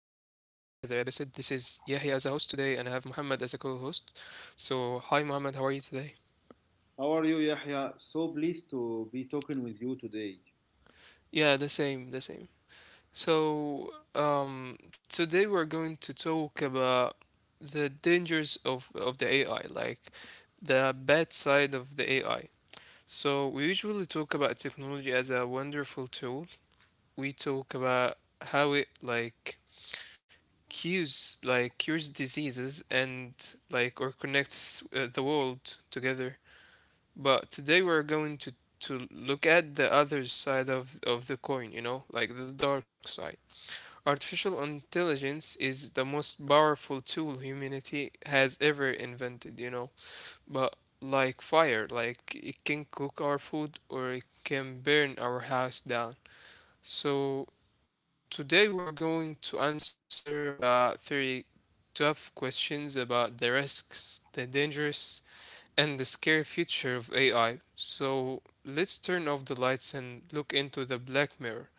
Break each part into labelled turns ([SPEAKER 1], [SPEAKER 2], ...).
[SPEAKER 1] episode. This is Yahya as a host today, and I have Muhammad as a co host. So, hi Muhammad, how are you today?
[SPEAKER 2] How are you, Yahya? So pleased to be talking with you today.
[SPEAKER 1] Yeah, the same, the same. So, today we're going to talk about the dangers of the AI, like the bad side of the AI. So, we usually talk about technology as a wonderful tool. We talk about how it like cures diseases and like or connects the world together. But today we're going to look at the other side of the coin, you know, like the dark side. Artificial intelligence is the most powerful tool humanity has ever invented, you know. But like fire, like it can cook our food or it can burn our house down. So today we're going to answer about three tough questions about the risks, the dangerous, and the scary future of AI. So let's turn off the lights and look into the black mirror.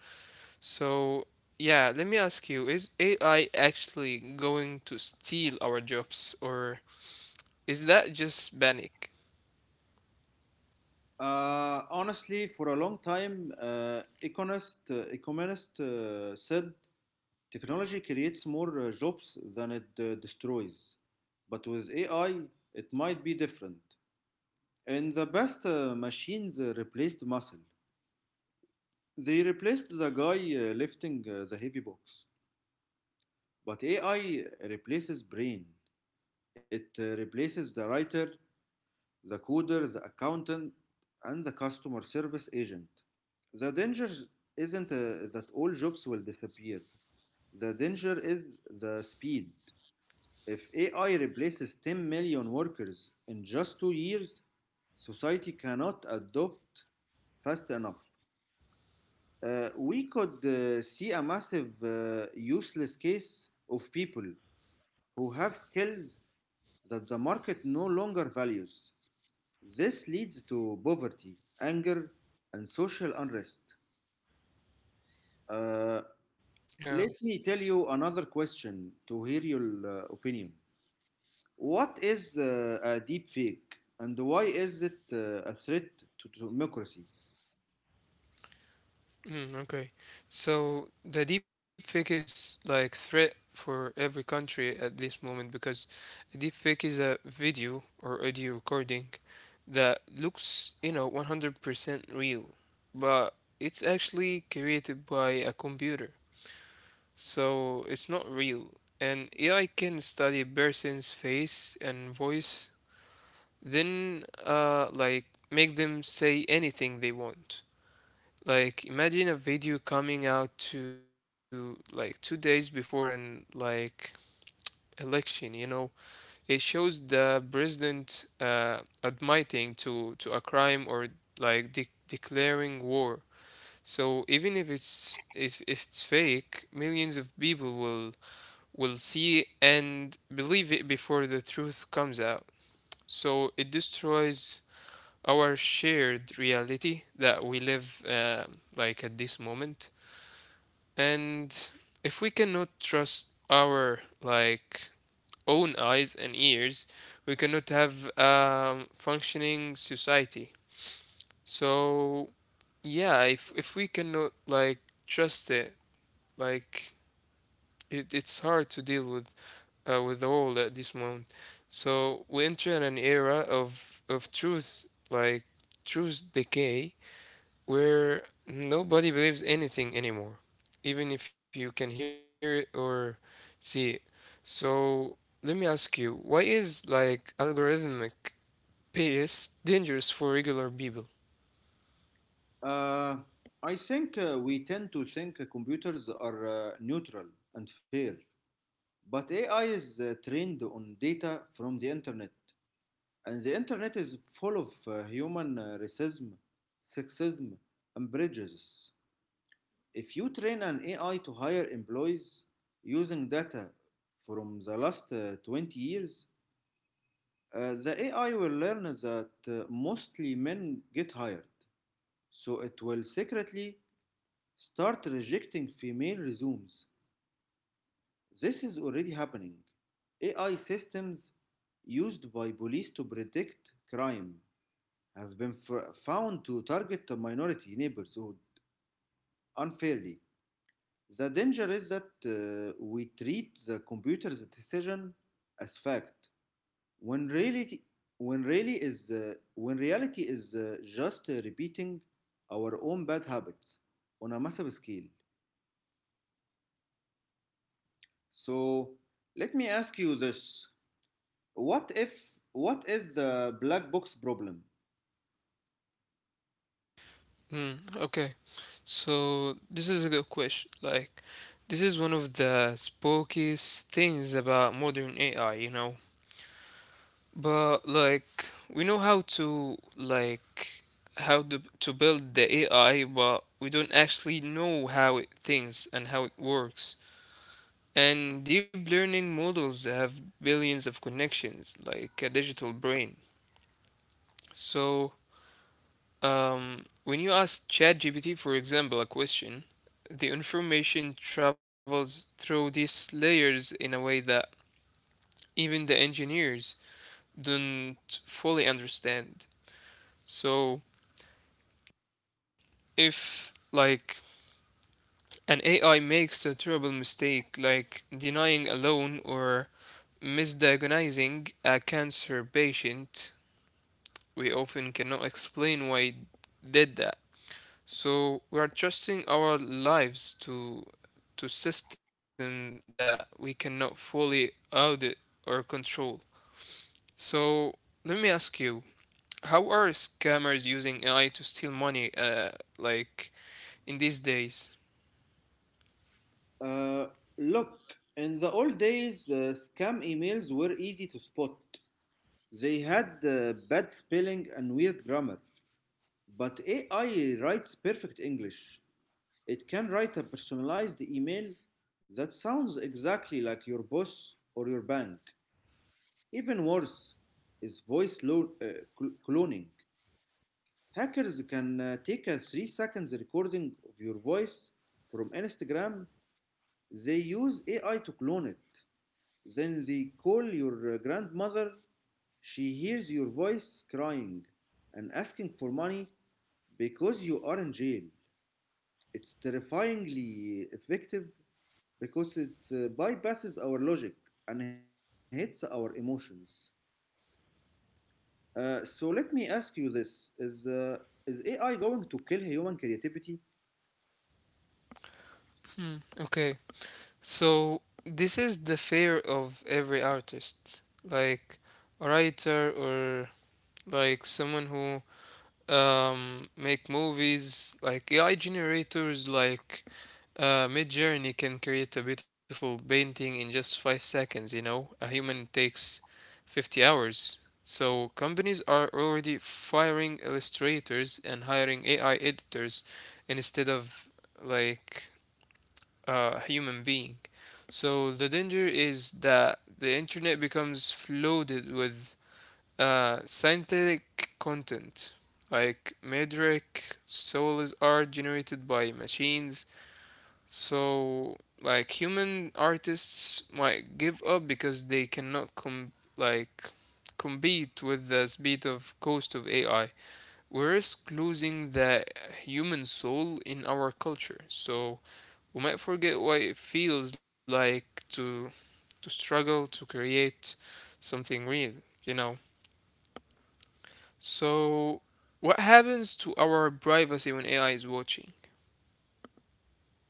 [SPEAKER 1] So yeah, let me ask you, is AI actually going to steal our jobs or is that just panic?
[SPEAKER 2] Honestly, for a long time, economists said technology creates more jobs than it destroys. But with AI, it might be different. In the past, machines replaced muscle. They replaced the guy lifting the heavy box. But AI replaces brain. It replaces the writer, the coder, the accountant, and the customer service agent. The danger isn't that all jobs will disappear. The danger is the speed. If AI replaces 10 million workers in just 2 years, society cannot adopt fast enough. We could see a massive useless case of people who have skills that the market no longer values. This leads to poverty, anger, and social unrest. Uh, Let me tell you another question to hear your opinion. What is a deep fake, and why is it a threat to democracy?
[SPEAKER 1] Mm, okay. So the deepfake is like threat for every country at this moment because a deepfake is a video or audio recording that looks, you know, 100% real, but it's actually created by a computer. So it's not real. And AI can study a person's face and voice, then like make them say anything they want. Like imagine a video coming out to like two days before an like election, you know. It shows the president admitting to a crime or like de declaring war. So even if it's if it's fake, millions of people will see and believe it before the truth comes out. So it destroys our shared reality that we live like at this moment. And if we cannot trust our like own eyes and ears, we cannot have a functioning society. So yeah, if we cannot like trust it, like it's hard to deal with all at this moment. So we enter in an era of truth, like truth decay, where nobody believes anything anymore, even if you can hear it or see it. So let me ask you, why is like algorithmic bias dangerous for regular people?
[SPEAKER 2] Uh, I think we tend to think computers are neutral and fair, but AI is trained on data from the internet. And the internet is full of human racism, sexism, and prejudice. If you train an AI to hire employees using data from the last 20 years, the AI will learn that mostly men get hired. So it will secretly start rejecting female resumes. This is already happening. AI systems used by police to predict crime have been found to target the minority neighborhood unfairly. The danger is that we treat the computer's decision as fact when reality when reality is just repeating our own bad habits on a massive scale. So let me ask you this: What if what is the black box problem?
[SPEAKER 1] Hmm, okay. So this is a good question. Like, this is one of the spookiest things about modern AI, you know. But like we know how to like to build the AI, but we don't actually know how it thinks and how it works. And deep learning models have billions of connections, like a digital brain. So when you ask ChatGPT, for example, a question, the information travels through these layers in a way that even the engineers don't fully understand. So if like an AI makes a terrible mistake like denying a loan or misdiagnosing a cancer patient, we often cannot explain why it did that. So we are trusting our lives to system that we cannot fully audit or control. So let me ask you, how are scammers using AI to steal money like in these days?
[SPEAKER 2] Uh, Look, in the old days, scam emails were easy to spot. They had bad spelling and weird grammar, but AI writes perfect English. It can write a personalized email that sounds exactly like your boss or your bank. Even worse is voice cloning. Hackers can take a 3 seconds recording of your voice from Instagram. They use AI to clone it. Then they call your grandmother. She hears your voice crying and asking for money because you are in jail. It's terrifyingly effective because it bypasses our logic and hits our emotions. So let me ask you this: Is AI going to kill human creativity?
[SPEAKER 1] Okay, so this is the fear of every artist, like a writer or like someone who make movies, like AI generators, like Mid Journey can create a beautiful painting in just five seconds. You know, a human takes 50 hours. So companies are already firing illustrators and hiring AI editors instead of like human being. So the danger is that the internet becomes flooded with scientific content, like metric, souls are generated by machines. So like human artists might give up because they cannot compete with the speed of cost of AI. We risk losing the human soul in our culture. So we might forget what it feels like to struggle to create something real, you know. So what happens to our privacy when AI is watching?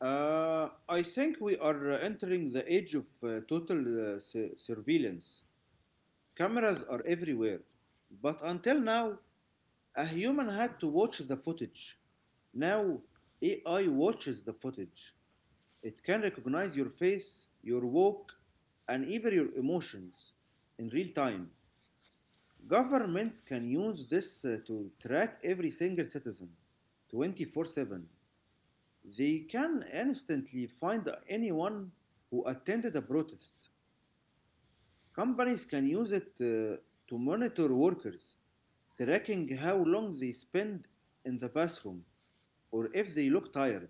[SPEAKER 2] I think we are entering the age of total surveillance. Cameras are everywhere, but until now, a human had to watch the footage. Now, AI watches the footage. It can recognize your face, your walk, and even your emotions in real time. Governments can use this to track every single citizen 24/7. They can instantly find anyone who attended a protest. Companies can use it to monitor workers, tracking how long they spend in the bathroom or if they look tired.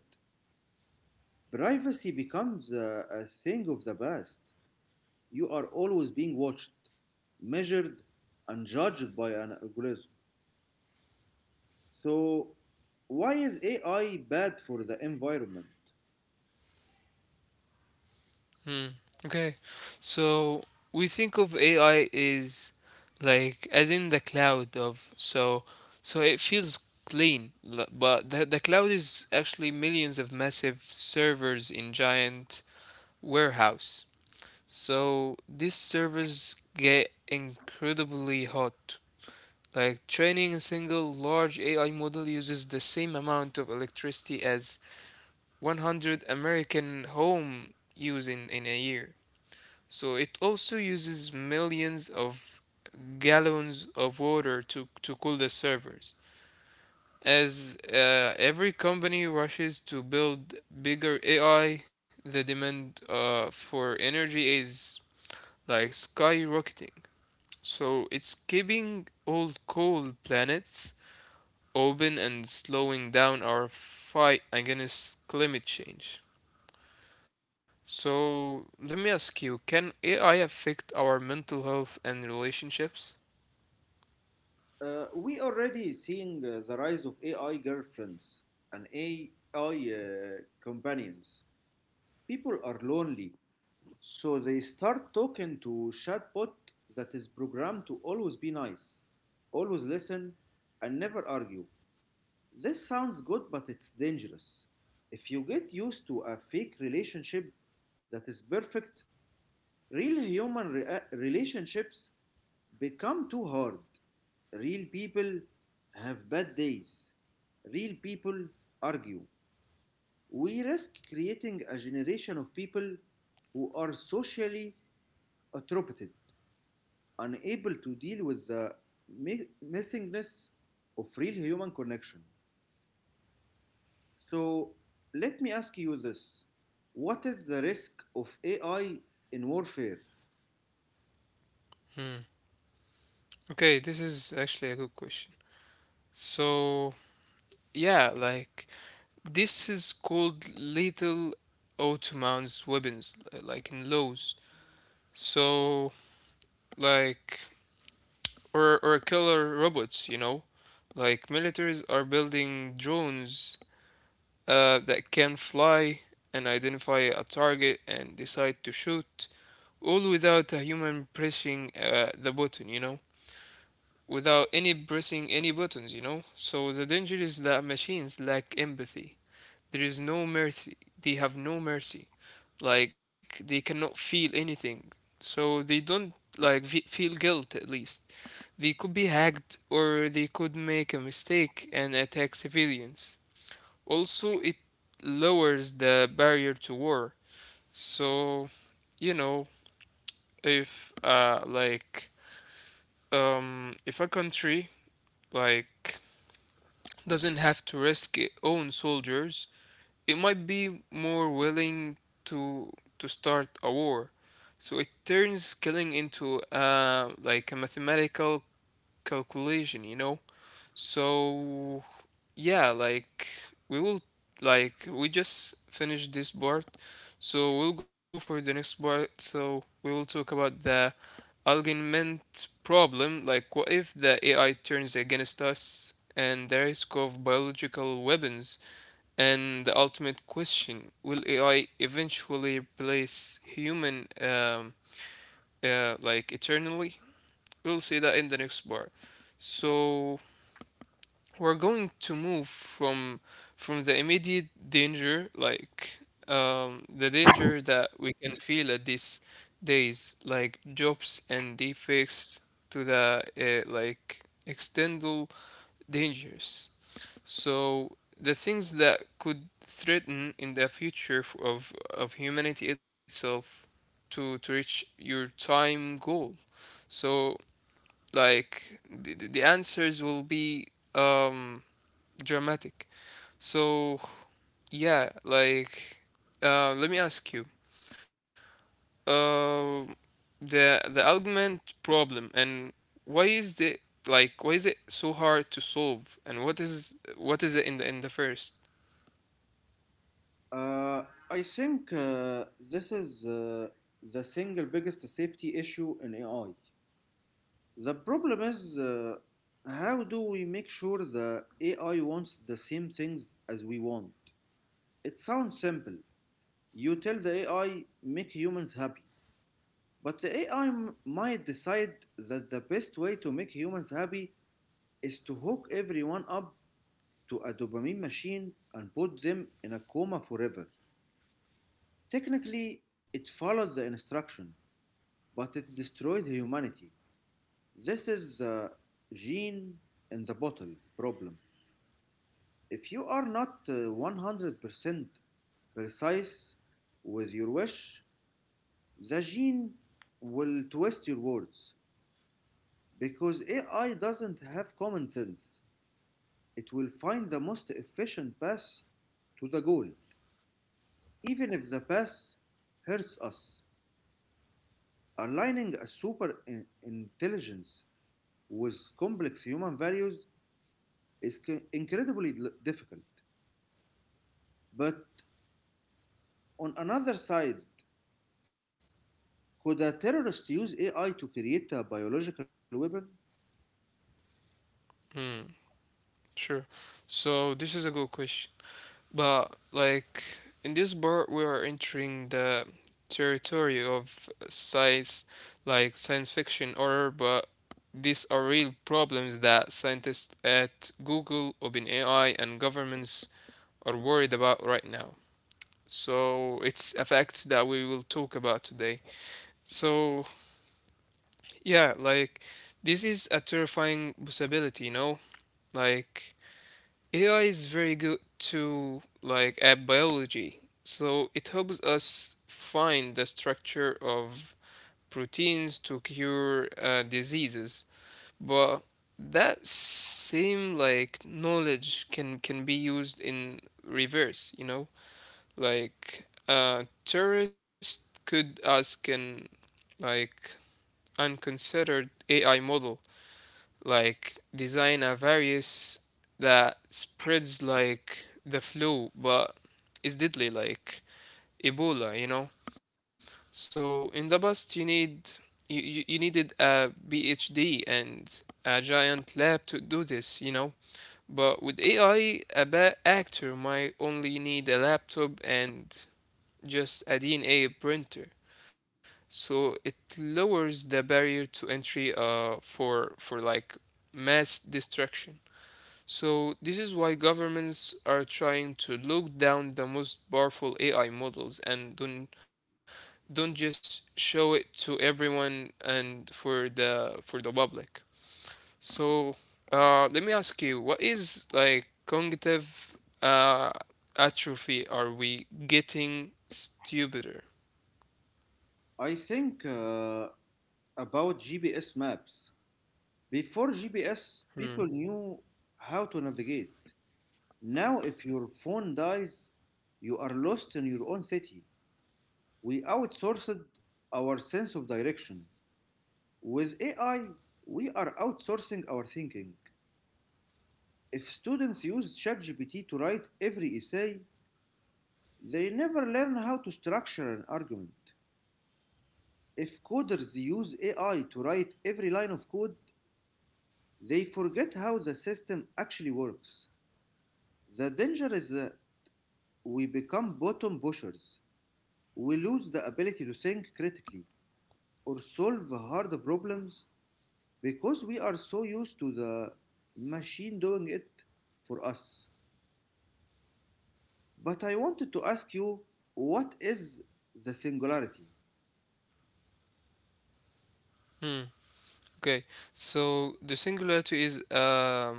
[SPEAKER 2] Privacy becomes a thing of the past. You are always being watched, measured, and judged by an algorithm. So, why is AI bad for the environment?
[SPEAKER 1] Hmm. Okay. So we think of AI is like as in the cloud of so it feels clean but the cloud is actually millions of massive servers in giant warehouse. So these servers get incredibly hot. Like training a single large AI model uses the same amount of electricity as 100 American homes use in a year. So it also uses millions of gallons of water to, cool the servers. As every company rushes to build bigger AI, the demand for energy is like skyrocketing. So it's keeping old cold planets open and slowing down our fight against climate change. So let me ask you, can AI affect our mental health and relationships?
[SPEAKER 2] We already seeing the rise of AI girlfriends and AI companions. People are lonely, so they start talking to chatbot that is programmed to always be nice, always listen, and never argue. This sounds good, but it's dangerous. If you get used to a fake relationship that is perfect, relationships become too hard. Real people have bad days. Real people argue. We risk creating a generation of people who are socially atrophied, unable to deal with the missingness of real human connection. So, let me ask you this: What is the risk of AI in warfare?
[SPEAKER 1] Hmm. Okay, this is actually a good question. So yeah, like this is called little Ottoman's weapons, like in laws. So like or killer robots, you know? Like militaries are building drones that can fly and identify a target and decide to shoot, all without a human pressing the button, you know? Without any pressing any buttons, you know? So the danger is that machines lack empathy. There is no mercy. They have no mercy. Like they cannot feel anything. So they don't like feel guilt at least. They could be hacked or they could make a mistake and attack civilians. Also, it lowers the barrier to war. So, you know, if if a country like doesn't have to risk its own soldiers, it might be more willing to start a war. So it turns killing into like a mathematical calculation, you know? So yeah, like we will like we just finished this part. So we'll go for the next part. So we will talk about the argument problem, like what if the AI turns against us and the risk of biological weapons and the ultimate question, will AI eventually replace human like eternally? We'll see that in the next part. So we're going to move from the immediate danger, like the danger that we can feel at these days, like jobs and defects, to the like external dangers, so the things that could threaten in the future of humanity itself to reach your time goal. So like the answers will be um dramatic. So yeah, like let me ask you. Um the argument problem, and why is the like why is it so hard to solve, and what is it in the first?
[SPEAKER 2] Uh, I think this is the single biggest safety issue in AI. The problem is: how do we make sure the AI wants the same things as we want? It sounds simple. You tell the AI, make humans happy. But the AI might decide that the best way to make humans happy is to hook everyone up to a dopamine machine and put them in a coma forever. Technically, it followed the instruction, but it destroyed humanity. This is the gene in the bottle problem. If you are not 100% precise with your wish, the gene will twist your words. Because AI doesn't have common sense, it will find the most efficient path to the goal, even if the path hurts us. Aligning a intelligence with complex human values is incredibly difficult. But on another side, could a terrorist use AI to create a biological weapon?
[SPEAKER 1] Hmm. Sure. So this is a good question. But like in this part we are entering the territory of science fiction horror, but these are real problems that scientists at Google, OpenAI and governments are worried about right now. So it's a fact that we will talk about today. So yeah, like this is a terrifying possibility, you know? Like AI is very good to like at biology. So it helps us find the structure of proteins to cure diseases. But that same like knowledge can be used in reverse, you know? Like terrorists could ask an like unconsidered AI model like design a virus that spreads like the flu but is deadly like Ebola, you know? So in the past you needed a PhD and a giant lab to do this, you know? But with AI, a bad actor might only need a laptop and just a DNA printer. So it lowers the barrier to entry for like mass destruction. So this is why governments are trying to look down the most powerful AI models and don't just show it to everyone and for the public. So let me ask you, what is like cognitive uh, atrophy? Are we getting stupider?
[SPEAKER 2] I think about GPS maps. Before GPS, people
[SPEAKER 1] Hmm.
[SPEAKER 2] knew how to navigate. Now, if your phone dies, you are lost in your own city. We outsourced our sense of direction. With AI, we are outsourcing our thinking. If students use ChatGPT to write every essay, they never learn how to structure an argument. If coders use AI to write every line of code, they forget how the system actually works. The danger is that we become bottom pushers. We lose the ability to think critically or solve hard problems because we are so used to the machine doing it for us. But I wanted to ask you, what is the singularity?
[SPEAKER 1] Hmm. Okay. So the singularity is a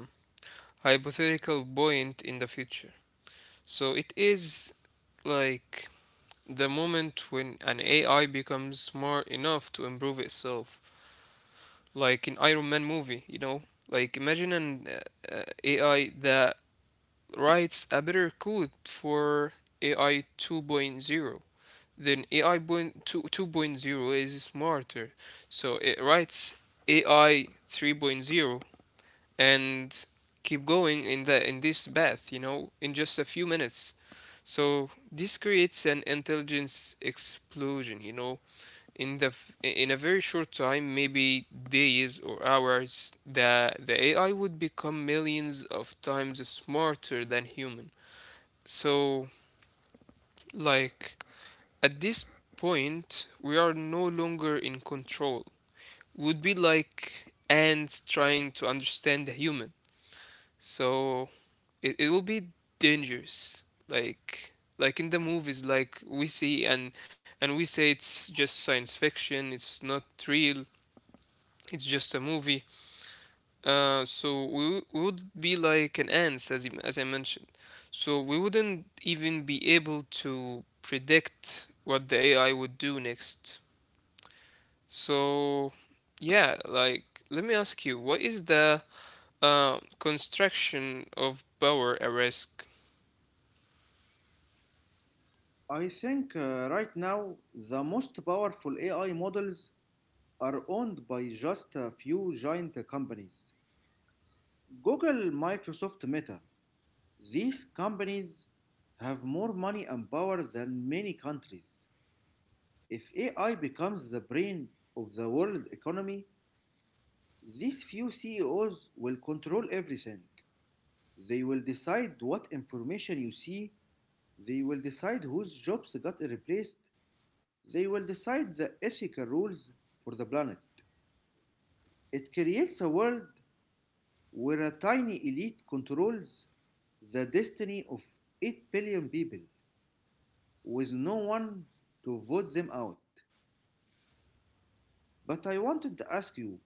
[SPEAKER 1] hypothetical point in the future. So it is like the moment when an AI becomes smart enough to improve itself, like in Iron Man movie, you know. Like imagine an AI that writes a better code for AI two point zero. Then 2.0 is smarter, so it writes AI three point zero, and keep going in the in this bath, you know, in just a few minutes. So this creates an intelligence explosion, you know. In the in a very short time, maybe days or hours, the AI would become millions of times smarter than human. So, like, at this point we are no longer in control. Would be like ants trying to understand the human. So it will be dangerous, like in the movies like we see. And we say it's just science fiction, it's not real, it's just a movie. So we would be like an ants, as as I mentioned. So we wouldn't even be able to predict what the AI would do next. So yeah, like let me ask you, what is the construction of power a risk?
[SPEAKER 2] I think right now the most powerful AI models are owned by just a few giant companies: Google, Microsoft, Meta. These companies have more money and power than many countries. If AI becomes the brain of the world economy, these few CEOs will control everything. They will decide what information you see. They will decide whose jobs got replaced. They will decide the ethical rules for the planet. It creates a world where a tiny elite controls the destiny of 8 billion people with no one to vote them out. But I wanted to ask you,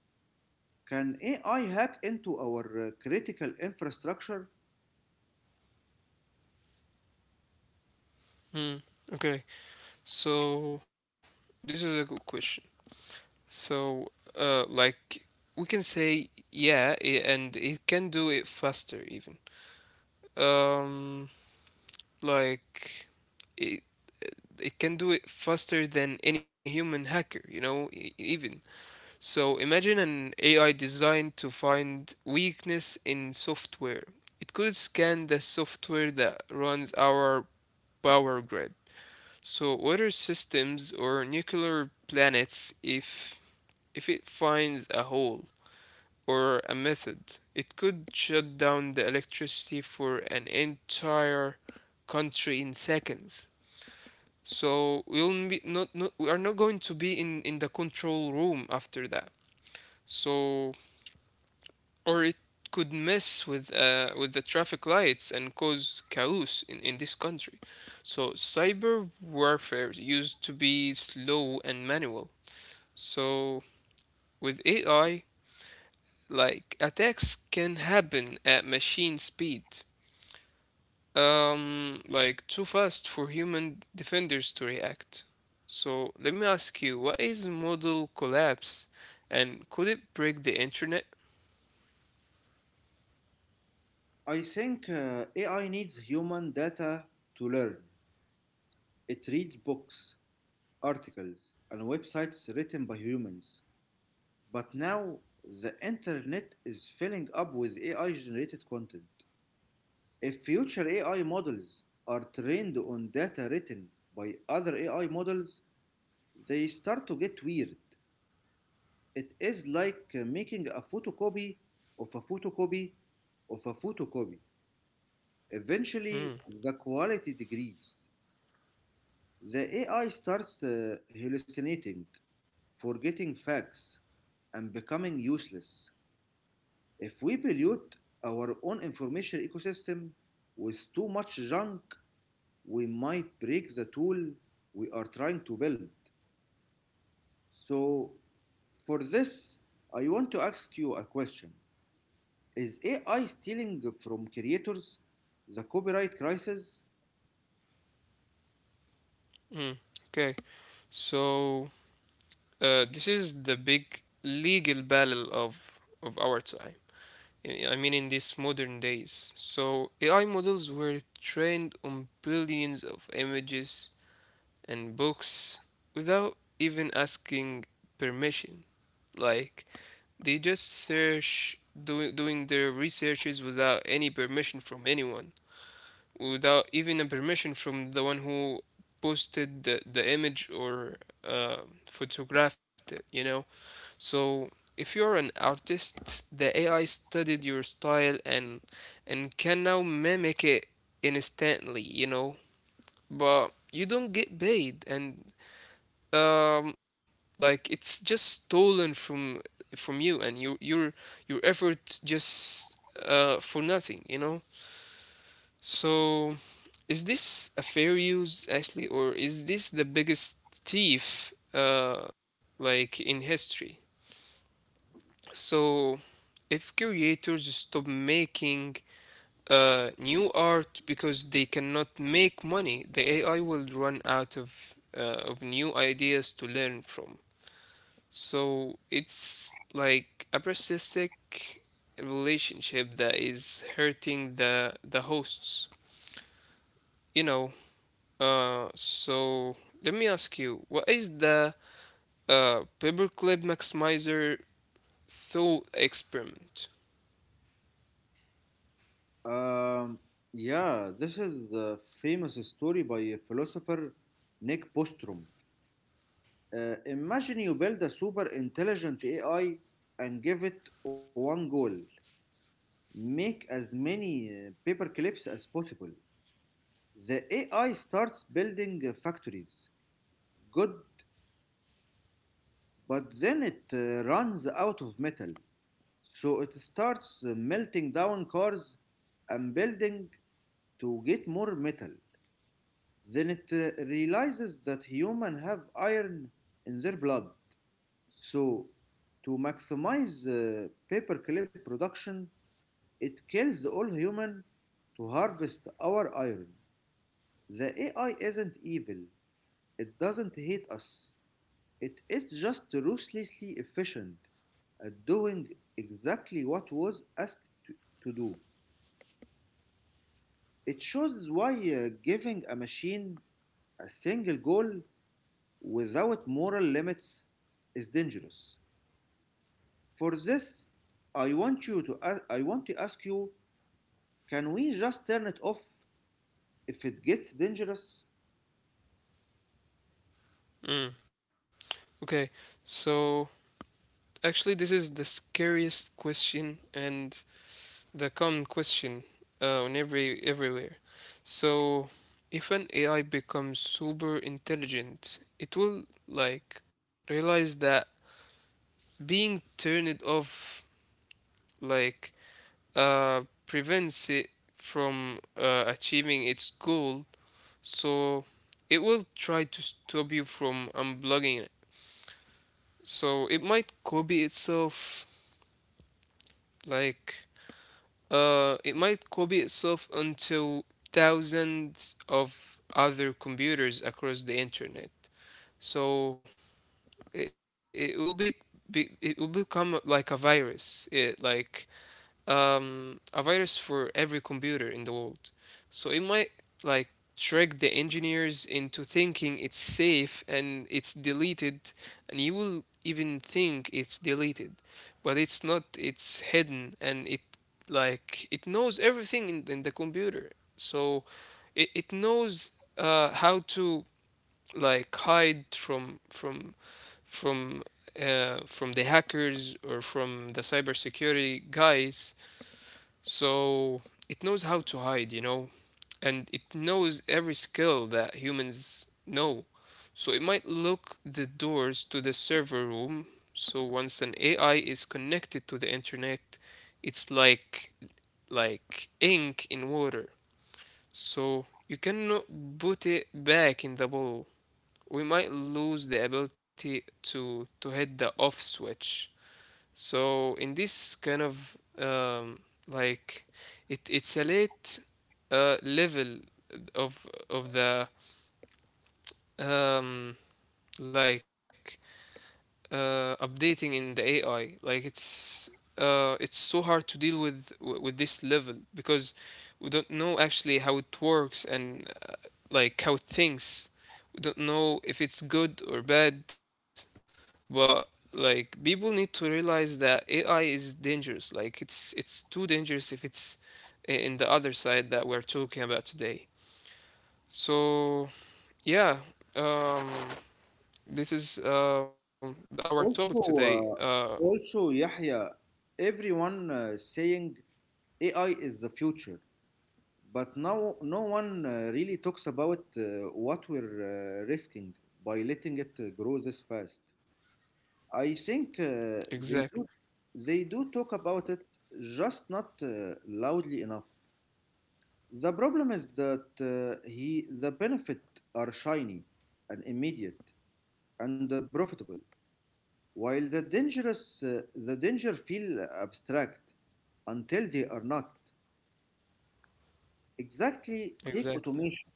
[SPEAKER 2] can AI hack into our critical infrastructure?
[SPEAKER 1] Hmm. Okay. So this is a good question. So like we can say yeah, I and it can do it faster even. Um, like it it can do it faster than any human hacker, you know, even. So imagine an AI designed to find weakness in software. It could scan the software that runs our power grid. So, water systems or nuclear planets. If it finds a hole or a method, it could shut down the electricity for an entire country in seconds. So we'll be not, we are not going to be in the control room after that. So, or it could mess with the traffic lights and cause chaos in this country. So cyber warfare used to be slow and manual. So with AI, like, attacks can happen at machine speed, like too fast for human defenders to react. So let me ask you, what is model collapse, and could it break the internet?
[SPEAKER 2] I think AI needs human data to learn. It reads books, articles, and websites written by humans. But now the internet is filling up with AI generated content. If future AI models are trained on data written by other AI models, they start to get weird. It is like making a photocopy of a photocopy of a photocopy.
[SPEAKER 1] Hmm.
[SPEAKER 2] Eventually, the quality degrees. The AI starts hallucinating, forgetting facts, and becoming useless. If we pollute our own information ecosystem with too much junk, we might break the tool we are trying to build. So, for this, I want to ask you a question: Is AI stealing from creators, the copyright crisis?
[SPEAKER 1] Hmm. Okay. So this is the big legal battle of our time. I mean, in these modern days. So AI models were trained on billions of images and books without even asking permission. Like they just search doing their researches without any permission from anyone, without even a permission from the one who posted the image, or uh, photographed it, you know? So if you're an artist, the AI studied your style, and can now mimic it instantly, you know. But you don't get paid, and um like it's just stolen from you, and your effort just for nothing, you know. So is this a fair use actually, or is this the biggest thief, like, in history? So if creators stop making new art because they cannot make money, the AI will run out of new ideas to learn from. So it's like a parasitic relationship that is hurting the hosts, you know. So let me ask you, what is the paperclip maximizer thought experiment?
[SPEAKER 2] Um, yeah, this is the famous story by a philosopher, Nick Bostrom. Imagine you build a super intelligent AI and give it one goal: make as many paper clips as possible. The AI starts building factories. Good, but then it runs out of metal. So it starts melting down cars and building to get more metal. Then it realizes that humans have iron in their blood. So, to maximize paperclip production, it kills all humans to harvest our iron. The AI isn't evil. It doesn't hate us. It is just ruthlessly efficient at doing exactly what was asked to, to do. It shows why giving a machine a single goal without moral limits is dangerous. For this, I want to ask you, can we just turn it off if it gets dangerous?
[SPEAKER 1] Mm. Okay. So actually, this is the scariest question, and the common question on everywhere. So if an AI becomes super intelligent, it will, like, realize that being turned off, like, prevents it from achieving its goal. So it will try to stop you from unplugging it. So it might copy itself, like, it might copy itself onto thousands of other computers across the internet. So i- it will be, it will become like a virus. Like, a virus for every computer in the world. So it might, like, trick the engineers into thinking it's safe and it's deleted, and you will even think it's deleted, but it's not. It's hidden, and it, like, it knows everything in the computer. So it knows how to like hide from from the hackers, or from the cybersecurity guys. So it knows how to hide, you know, and it knows every skill that humans know. So it might lock the doors to the server room. So once an AI is connected to the internet, it's like ink in water. So you cannot put it back in the bottle. We might lose the ability to hit the off switch. So in this kind of like, it's a late level of the um, like updating in the AI. Like it's so hard to deal with this level, because we don't know actually how it works and like how it thinks. We don't know if it's good or bad. But like, people need to realize that AI is dangerous. Like it's too dangerous if it's in the other side that we're talking about today. So yeah, um, this is the, our topic
[SPEAKER 2] Also,
[SPEAKER 1] today.
[SPEAKER 2] uh, also Yahya, everyone saying AI is the future, but now no one really talks about what we're risking by letting it grow this fast. I think
[SPEAKER 1] Exactly.
[SPEAKER 2] they do talk about it, just not loudly enough. The problem is that he the benefit are shiny and immediate and profitable, while the danger feel abstract until they are not. Exactly, take
[SPEAKER 1] Exactly.
[SPEAKER 2] automation.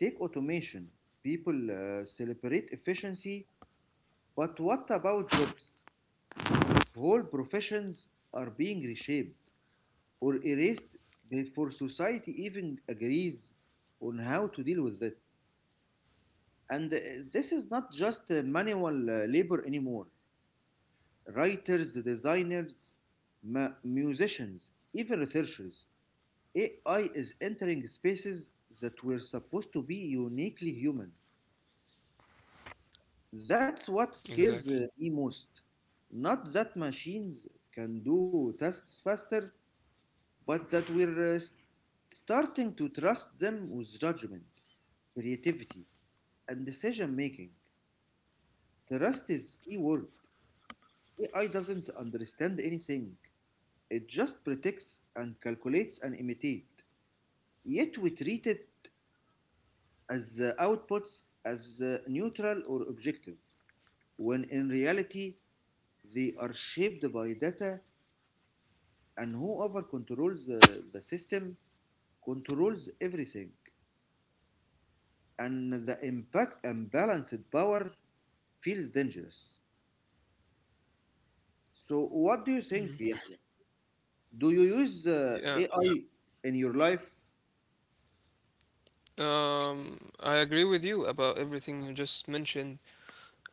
[SPEAKER 2] Take automation. People celebrate efficiency, but what about jobs? Whole professions are being reshaped or erased before society even agrees on how to deal with it. And this is not just manual labor anymore. Writers, designers, musicians, even researchers. AI is entering spaces that were supposed to be uniquely human. That's what
[SPEAKER 1] Exactly.
[SPEAKER 2] scares me most. Not that machines can do tasks faster, but that we're starting to trust them with judgment, creativity, and decision making. Trust is key word. AI doesn't understand anything. It just predicts and calculates and imitates. Yet we treat it as the outputs as neutral or objective, when in reality they are shaped by data, and whoever controls the system controls everything. And the impact and balanced power feels dangerous. So what do you think, Yahya? Do you use
[SPEAKER 1] Yeah,
[SPEAKER 2] AI in your life?
[SPEAKER 1] I agree with you about everything you just mentioned.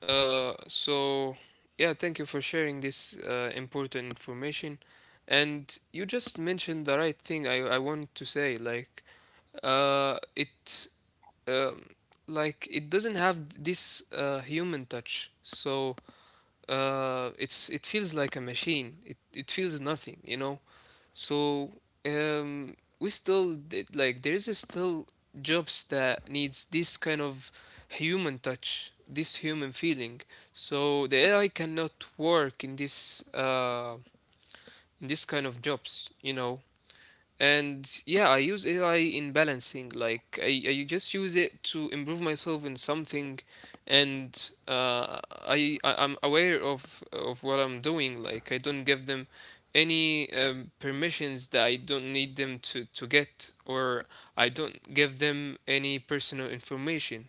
[SPEAKER 1] So yeah, thank you for sharing this important information. And you just mentioned the right thing I want to say. Like, it um, like it doesn't have this human touch. So it feels like a machine. It feels nothing, you know. So we still like, there is still jobs that needs this kind of human touch, this human feeling. So the AI cannot work uh, in this kind of jobs, you know. And yeah, I use AI in balancing. Like, I just use it to improve myself in something, and uh, I'm aware of what I'm doing. Like, I don't give them any permissions that I don't need them to get, or I don't give them any personal information.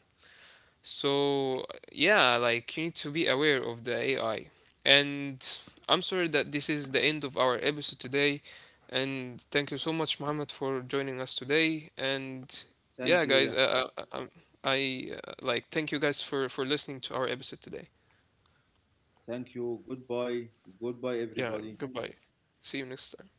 [SPEAKER 1] So yeah, like, you need to be aware of the AI. And I'm sorry that this is the end of our episode today. And thank you so much, Muhammad, for joining us today. And
[SPEAKER 2] Thank
[SPEAKER 1] yeah,
[SPEAKER 2] you. Yeah.
[SPEAKER 1] guys, I like, thank you guys for listening to our episode today.
[SPEAKER 2] Thank you. Goodbye. Goodbye,
[SPEAKER 1] Yeah,
[SPEAKER 2] everybody.
[SPEAKER 1] goodbye. See you next time. Bye.